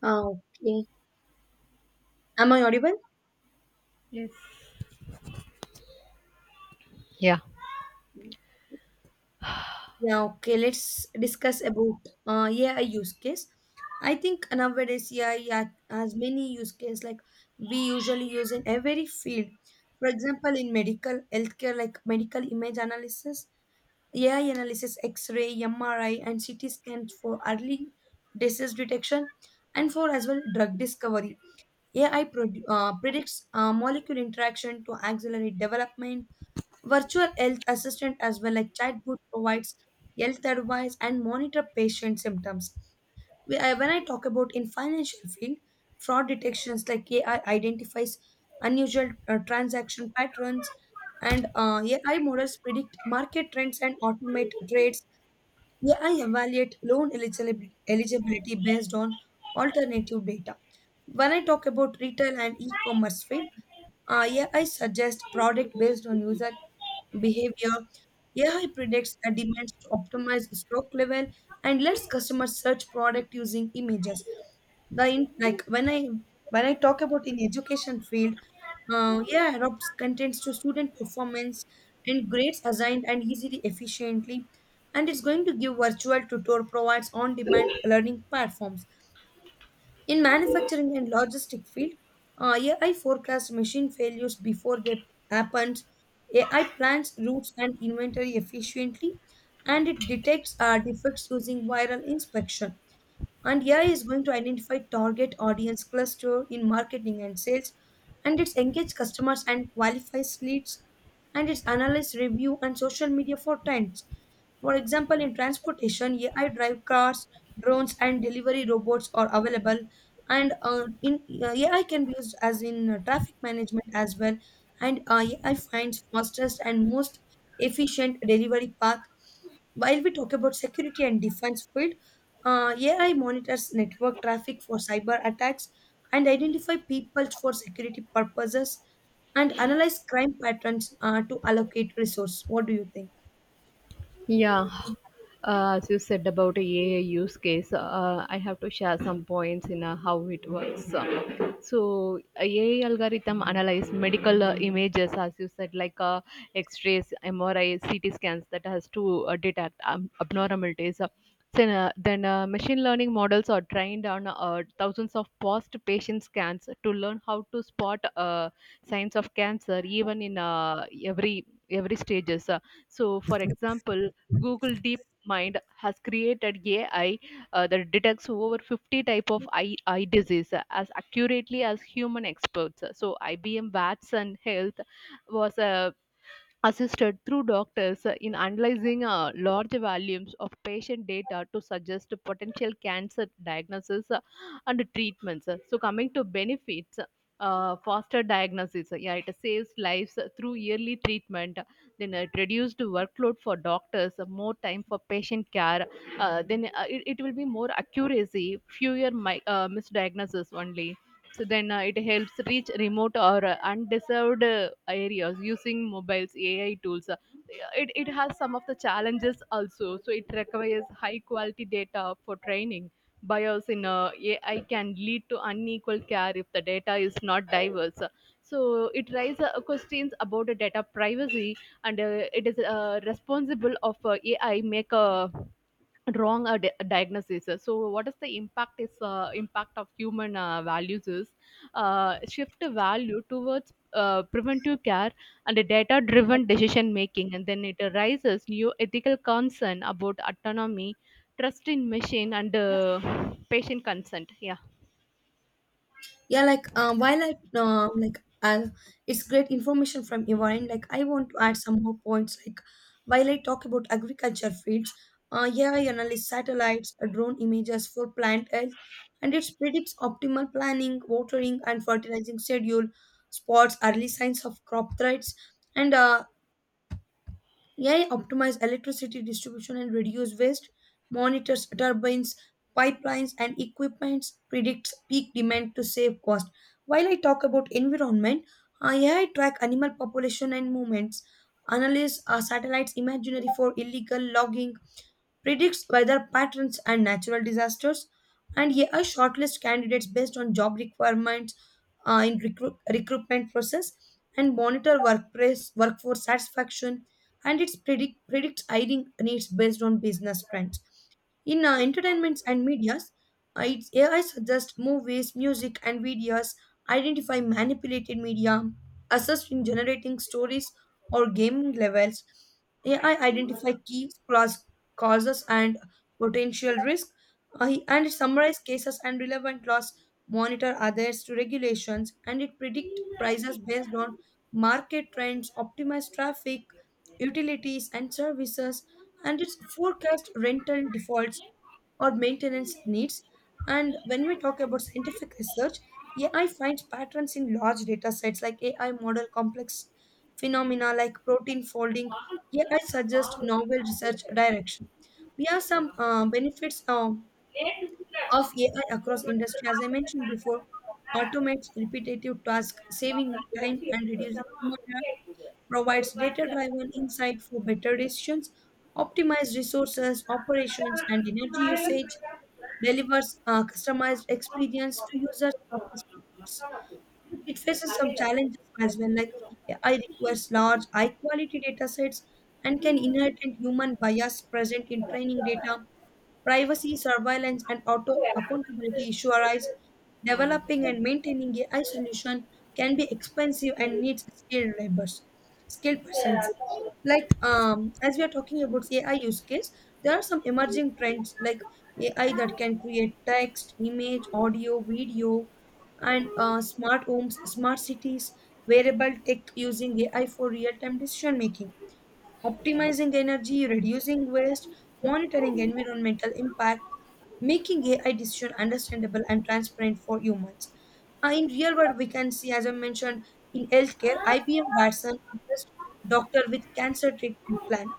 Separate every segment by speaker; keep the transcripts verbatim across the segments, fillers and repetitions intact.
Speaker 1: Ah, okay. Am I audible?
Speaker 2: Yes.
Speaker 1: Yeah, okay. Let's discuss about uh, A I use case. I think nowadays A I ha- has many use case like we usually use in every field. For example, in medical healthcare, like medical image analysis, A I analysis, X-ray, M R I, and C T scans for early disease detection, and for as well drug discovery. A I produ- uh, predicts uh, molecule interaction to accelerate development. Virtual health assistant as well, like chatbot, provides health advice and monitor patient symptoms. We- I- When I talk about in financial field, fraud detections like A I identifies unusual uh, transaction patterns, and uh, A I models predict market trends and automate trades. A I evaluate loan eligibility eligibility based on alternative data. When I talk about retail and e-commerce field, uh, A I suggest product based on user behavior. A I predicts and demands to optimize stock level and lets customers search product using images. The in, like when I when I talk about in education field, uh, A I adopts contents to student performance and grades assigned and easily efficiently, and it's going to give virtual tutor provides on-demand learning platforms. In manufacturing and logistic field, uh, A I forecast machine failures before they happen. A I plans routes and inventory efficiently, and it detects uh, defects using viral inspection. And A I is going to identify target audience cluster in marketing and sales, and it's engage customers and qualifies leads, and it's analyze review and social media for trends. For example, in transportation, A I drive cars, drones, and delivery robots are available. And uh, in uh, A I can be used as in uh, traffic management as well. And uh, A I finds fastest and most efficient delivery path. While we talk about security and defense field, uh, A I monitors network traffic for cyber attacks and identify people for security purposes and analyze crime patterns uh, to allocate resource. What do you think?
Speaker 2: Yeah, uh, as you said about A I use case, uh, I have to share some points in uh, how it works. Uh, So, A I algorithm analyze medical uh, images, as you said, like uh, X-rays, M R I, C T scans that has to uh, detect um, abnormalities. Uh, Then, uh, then uh, machine learning models are trained on uh, thousands of past patient scans to learn how to spot uh, signs of cancer, even in uh, every every stages. Uh, so, for example, Google DeepMind has created A I uh, that detects over fifty type of eye, eye disease uh, as accurately as human experts. So I B M Watson Health was uh, assisted through doctors uh, in analyzing uh, large volumes of patient data to suggest potential cancer diagnosis uh, and treatments. So, coming to benefits. Uh, faster diagnosis, yeah, it saves lives through early treatment. Then it reduced workload for doctors, more time for patient care. Uh, then uh, it, it will be more accuracy, fewer mi- uh, misdiagnoses only. So then uh, it helps reach remote or uh, undeserved uh, areas using mobiles, A I tools. Uh, It, it has some of the challenges also. So it requires high quality data for training. Bias in uh, A I can lead to unequal care if the data is not diverse. So it raises uh, questions about the data privacy, and uh, it is uh, responsible of uh, A I make a wrong uh, di- diagnosis. So what is the impact, is uh, impact of human uh, values is uh, shift value towards uh, preventive care and data driven decision making. And then it arises new ethical concern about autonomy, trust in machine, and uh, patient consent. Yeah.
Speaker 1: Yeah, like um, while I um, like I it's great information from your end. Like, I want to add some more points, like while I talk about agriculture fields, uh, yeah, I analyze satellites uh, drone images for plant health, and it predicts optimal planning watering and fertilizing schedule, spots early signs of crop threats. And uh, A I optimizes electricity distribution and reduces waste, monitors turbines, pipelines, and equipments, predicts peak demand to save cost. While I talk about environment, uh, A I track animal population and movements, analyze uh, satellites imaginary for illegal logging, predicts weather patterns and natural disasters, and yeah, a shortlist candidates based on job requirements uh, in recruit, recruitment process and monitor workplace workforce satisfaction, and it predict predicts hiring needs based on business trends. In uh, entertainments and medias, uh, it's A I suggests movies, music, and videos, identify manipulated media, assist in generating stories or gaming levels. A I identify key cause- causes and potential risk, uh, he- and it summarize cases and relevant laws, monitor others to regulations, and it predict prices based on market trends, optimize traffic, utilities, and services, and its forecast rental defaults or maintenance needs. And when we talk about scientific research, A I finds patterns in large data sets like A I model complex phenomena like protein folding. A I suggests novel research direction. We have some uh, benefits um, of A I across industry. As I mentioned before, automates repetitive tasks, saving time and reducing human error, provides data-driven insight for better decisions, optimize resources, operations, and energy usage, delivers a customized experience to users of the sports. But it faces some challenges as well, like A I requires large, high quality data sets and can inherit human bias present in training data. Privacy, surveillance, and auto accountability issue arise. Developing and maintaining A I solution can be expensive and needs skilled labors, skilled persons. Like um, as we are talking about A I use case, there are some emerging trends like A I that can create text, image, audio, video, and uh, smart homes, smart cities, wearable tech using A I for real-time decision making, optimizing energy, reducing waste, monitoring environmental impact, making A I decision understandable and transparent for humans. Uh, in real world, we can see, as I mentioned, in healthcare, I B M Watson is just doctor with cancer treatment plan.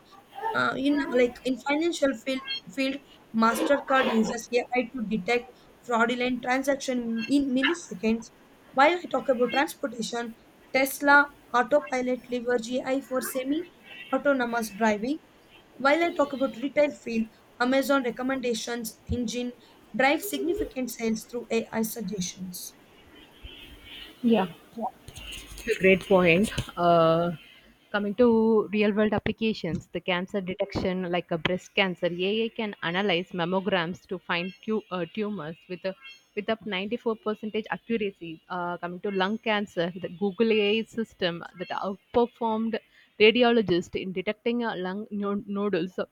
Speaker 1: Uh, in like in financial field, field, Mastercard uses A I to detect fraudulent transaction in milliseconds. While I talk about transportation, Tesla autopilot leverage A I for semi-autonomous driving. While I talk about retail field, Amazon recommendations engine drives significant sales through A I suggestions.
Speaker 2: Yeah. That's a great point. Uh, coming to real world applications, the cancer detection, like a breast cancer, A I can analyze mammograms to find tu- uh, tumors with a with up ninety-four percent accuracy. Uh, coming to lung cancer, the Google A I system that outperformed radiologists in detecting uh, lung no- nodules so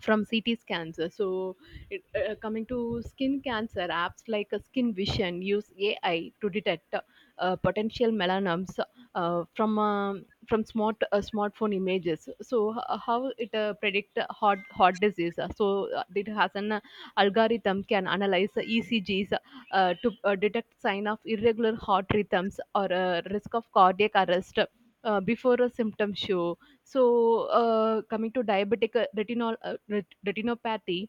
Speaker 2: from C T scans. So, it, uh, coming to skin cancer, apps like uh, Skin Vision use A I to detect uh, potential melanomas uh, from um from smart uh, smartphone images. So, h- how it uh, predict heart heart disease? So, uh, it has an uh, algorithm can analyze E C Gs uh, to uh, detect sign of irregular heart rhythms or uh, risk of cardiac arrest uh, before a symptom show. So, uh, coming to diabetic uh, retinol, uh, ret- retinopathy,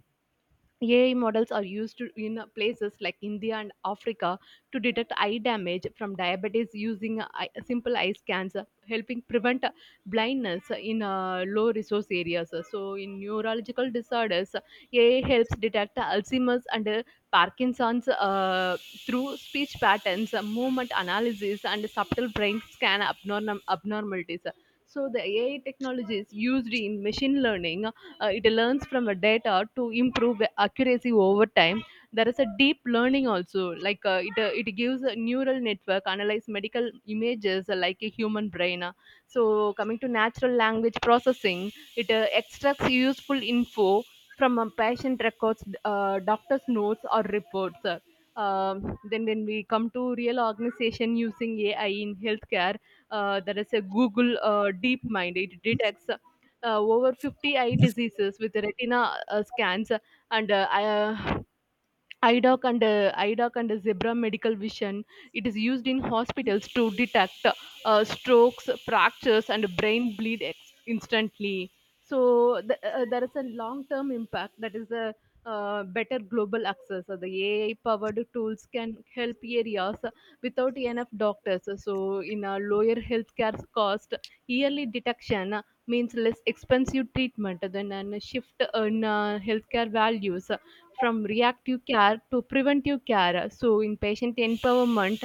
Speaker 2: A I models are used to- in places like India and Africa to detect eye damage from diabetes using eye- simple eye scans, uh, helping prevent uh, blindness in uh, low resource areas. So, in neurological disorders, A I helps detect Alzheimer's and uh, Parkinson's uh, through speech patterns, uh, movement analysis, and subtle brain scan abnorm- abnormalities. So, the A I technologies used in machine learning, uh, it learns from a data to improve accuracy over time. There is a deep learning also, like uh, it, uh, it gives a neural network analyze medical images uh, like a human brain uh. So coming to natural language processing, it uh, extracts useful info from a patient records, uh, doctor's notes or reports uh. Um, then when we come to real organization using A I in healthcare, uh, there is a Google uh, deep mind it detects uh, over fifty eye diseases with retina uh, scans and uh, uh, I D O C and uh, I D O C and Zebra Medical Vision. It is used in hospitals to detect uh, strokes, fractures, and brain bleed ex- instantly. So th- uh, there is a long-term impact, that is a uh, better global access. So the A I-powered tools can help areas without enough doctors. So in a lower healthcare cost. Yearly detection uh, means less expensive treatment than a shift in uh, healthcare values, uh, from reactive care to preventive care. So, in patient empowerment,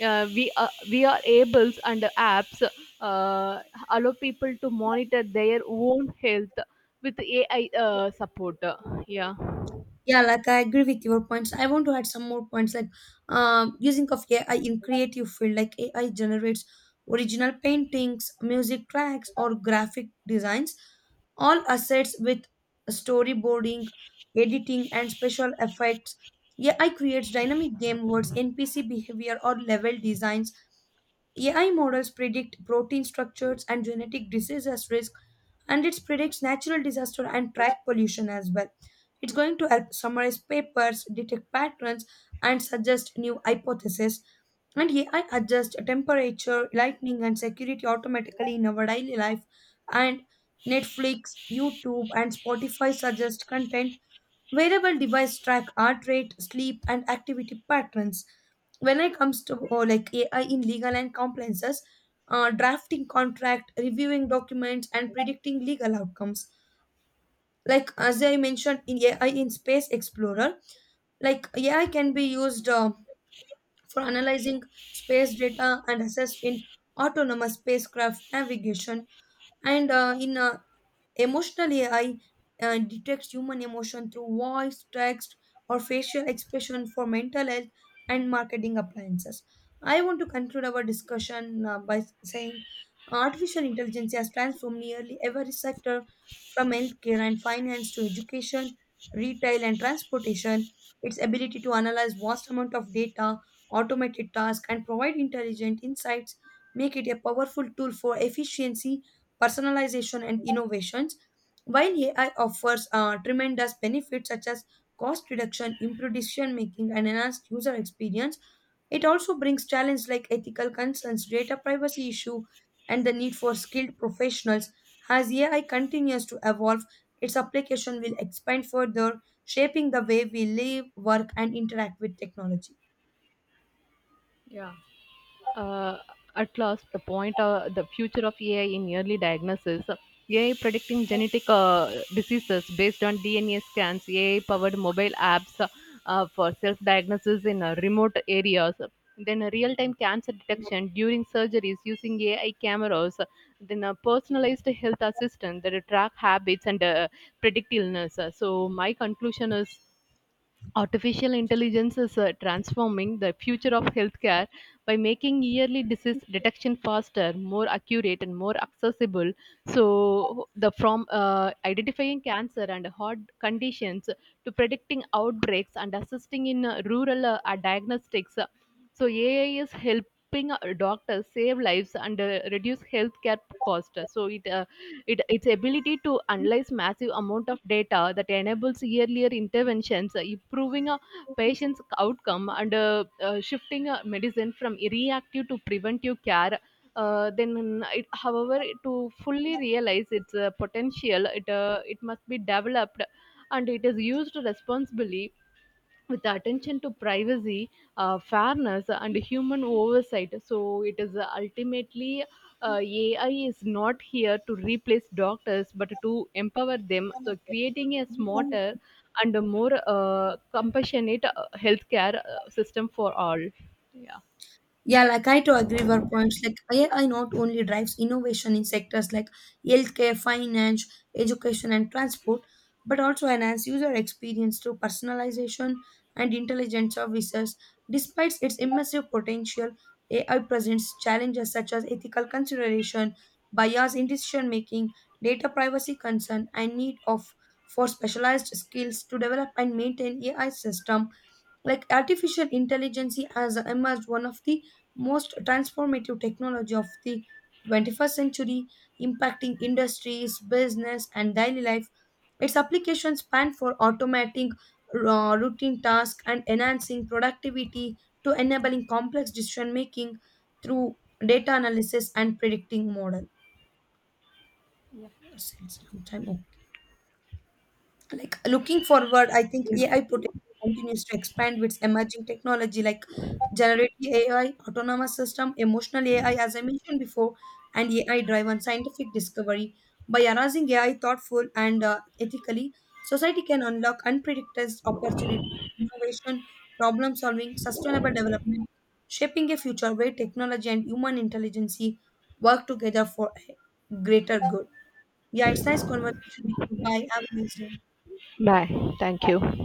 Speaker 2: uh, we are, we are able and apps uh, allow people to monitor their own health with A I uh, support. Yeah.
Speaker 1: Yeah, like I agree with your points. I want to add some more points, like um, using of A I in creative field. Like A I generates original paintings, music tracks, or graphic designs. All assets with storyboarding, editing, and special effects. A I creates dynamic game worlds, N P C behavior, or level designs. A I models predict protein structures and genetic disease as risk, and it predicts natural disaster and track pollution as well. It's going to help summarize papers, detect patterns, and suggest new hypotheses. And A I adjusts temperature, lighting, and security automatically in our daily life. And Netflix, YouTube, and Spotify suggest content. Wearable device track heart rate, sleep, and activity patterns. When it comes to uh, like A I in legal and compliances, uh, drafting contract, reviewing documents, and predicting legal outcomes. Like as I mentioned in A I in Space Explorer, like A I can be used uh, for analyzing space data and assessed in autonomous spacecraft navigation. And uh, in uh, Emotional A I uh, detects human emotion through voice, text, or facial expression for mental health and marketing appliances. I want to conclude our discussion uh, by saying artificial intelligence has transformed nearly every sector from healthcare and finance to education, retail, and transportation. Its ability to analyze vast amount of data, automated tasks, and provide intelligent insights make it a powerful tool for efficiency personalization, and innovations. While A I offers uh, tremendous benefits such as cost reduction, improved decision making, and enhanced user experience, it also brings challenges like ethical concerns, data privacy issue, and the need for skilled professionals. As A I continues to evolve, its application will expand further, shaping the way we live, work, and interact with technology.
Speaker 2: uh, at last the point, uh, the future of A I in early diagnosis, A I predicting genetic uh, diseases based on D N A scans, AI powered mobile apps uh, for self diagnosis in uh, remote areas, then real time cancer detection during surgeries using AI cameras, then a personalized health assistant that track habits and uh, predict illness. So my conclusion is: artificial intelligence is uh, transforming the future of healthcare by making yearly disease detection faster, more accurate, and more accessible. So, the from uh, identifying cancer and heart conditions to predicting outbreaks and assisting in uh, rural uh, uh, diagnostics. So, A I is helping uh, doctors save lives and uh, reduce healthcare cost. So, it uh, it, its ability to analyze massive amount of data that enables earlier interventions, uh, improving a patient's outcome and uh, uh, shifting uh, medicine from reactive to preventive care. Uh, then, it, however, to fully realize its uh, potential, it uh, it must be developed and it is used responsibly with the attention to privacy, uh, fairness, and human oversight. So it is ultimately, uh, A I is not here to replace doctors, but to empower them. So creating a smarter and a more uh, compassionate uh, healthcare uh, system for all. Yeah.
Speaker 1: Yeah, like I to agree with your points. Like A I not only drives innovation in sectors like healthcare, finance, education, and transport, but also enhance user experience through personalization and intelligent services. Despite its immersive potential, A I presents challenges such as ethical consideration, bias in decision making, data privacy concern, and need of for specialized skills to develop and maintain A I system. Like artificial intelligence has emerged one of the most transformative technology of the twenty-first century, impacting industries, business, and daily life. Its applications span for automating uh, routine tasks and enhancing productivity to enabling complex decision making through data analysis and predicting model.
Speaker 2: Yeah.
Speaker 1: Yes, time- time, okay. Like looking forward, I think AI potential continues to expand with emerging technology like generative A I, autonomous system, emotional A I, as I mentioned before, and A I driven scientific discovery. By arousing A I thoughtful and uh, ethically, society can unlock unpredicted opportunities, innovation, problem solving, sustainable development, shaping a future where technology and human intelligence work together for a greater good. Yeah, it's nice conversation with you. Bye, have a nice day.
Speaker 2: Bye. Thank you.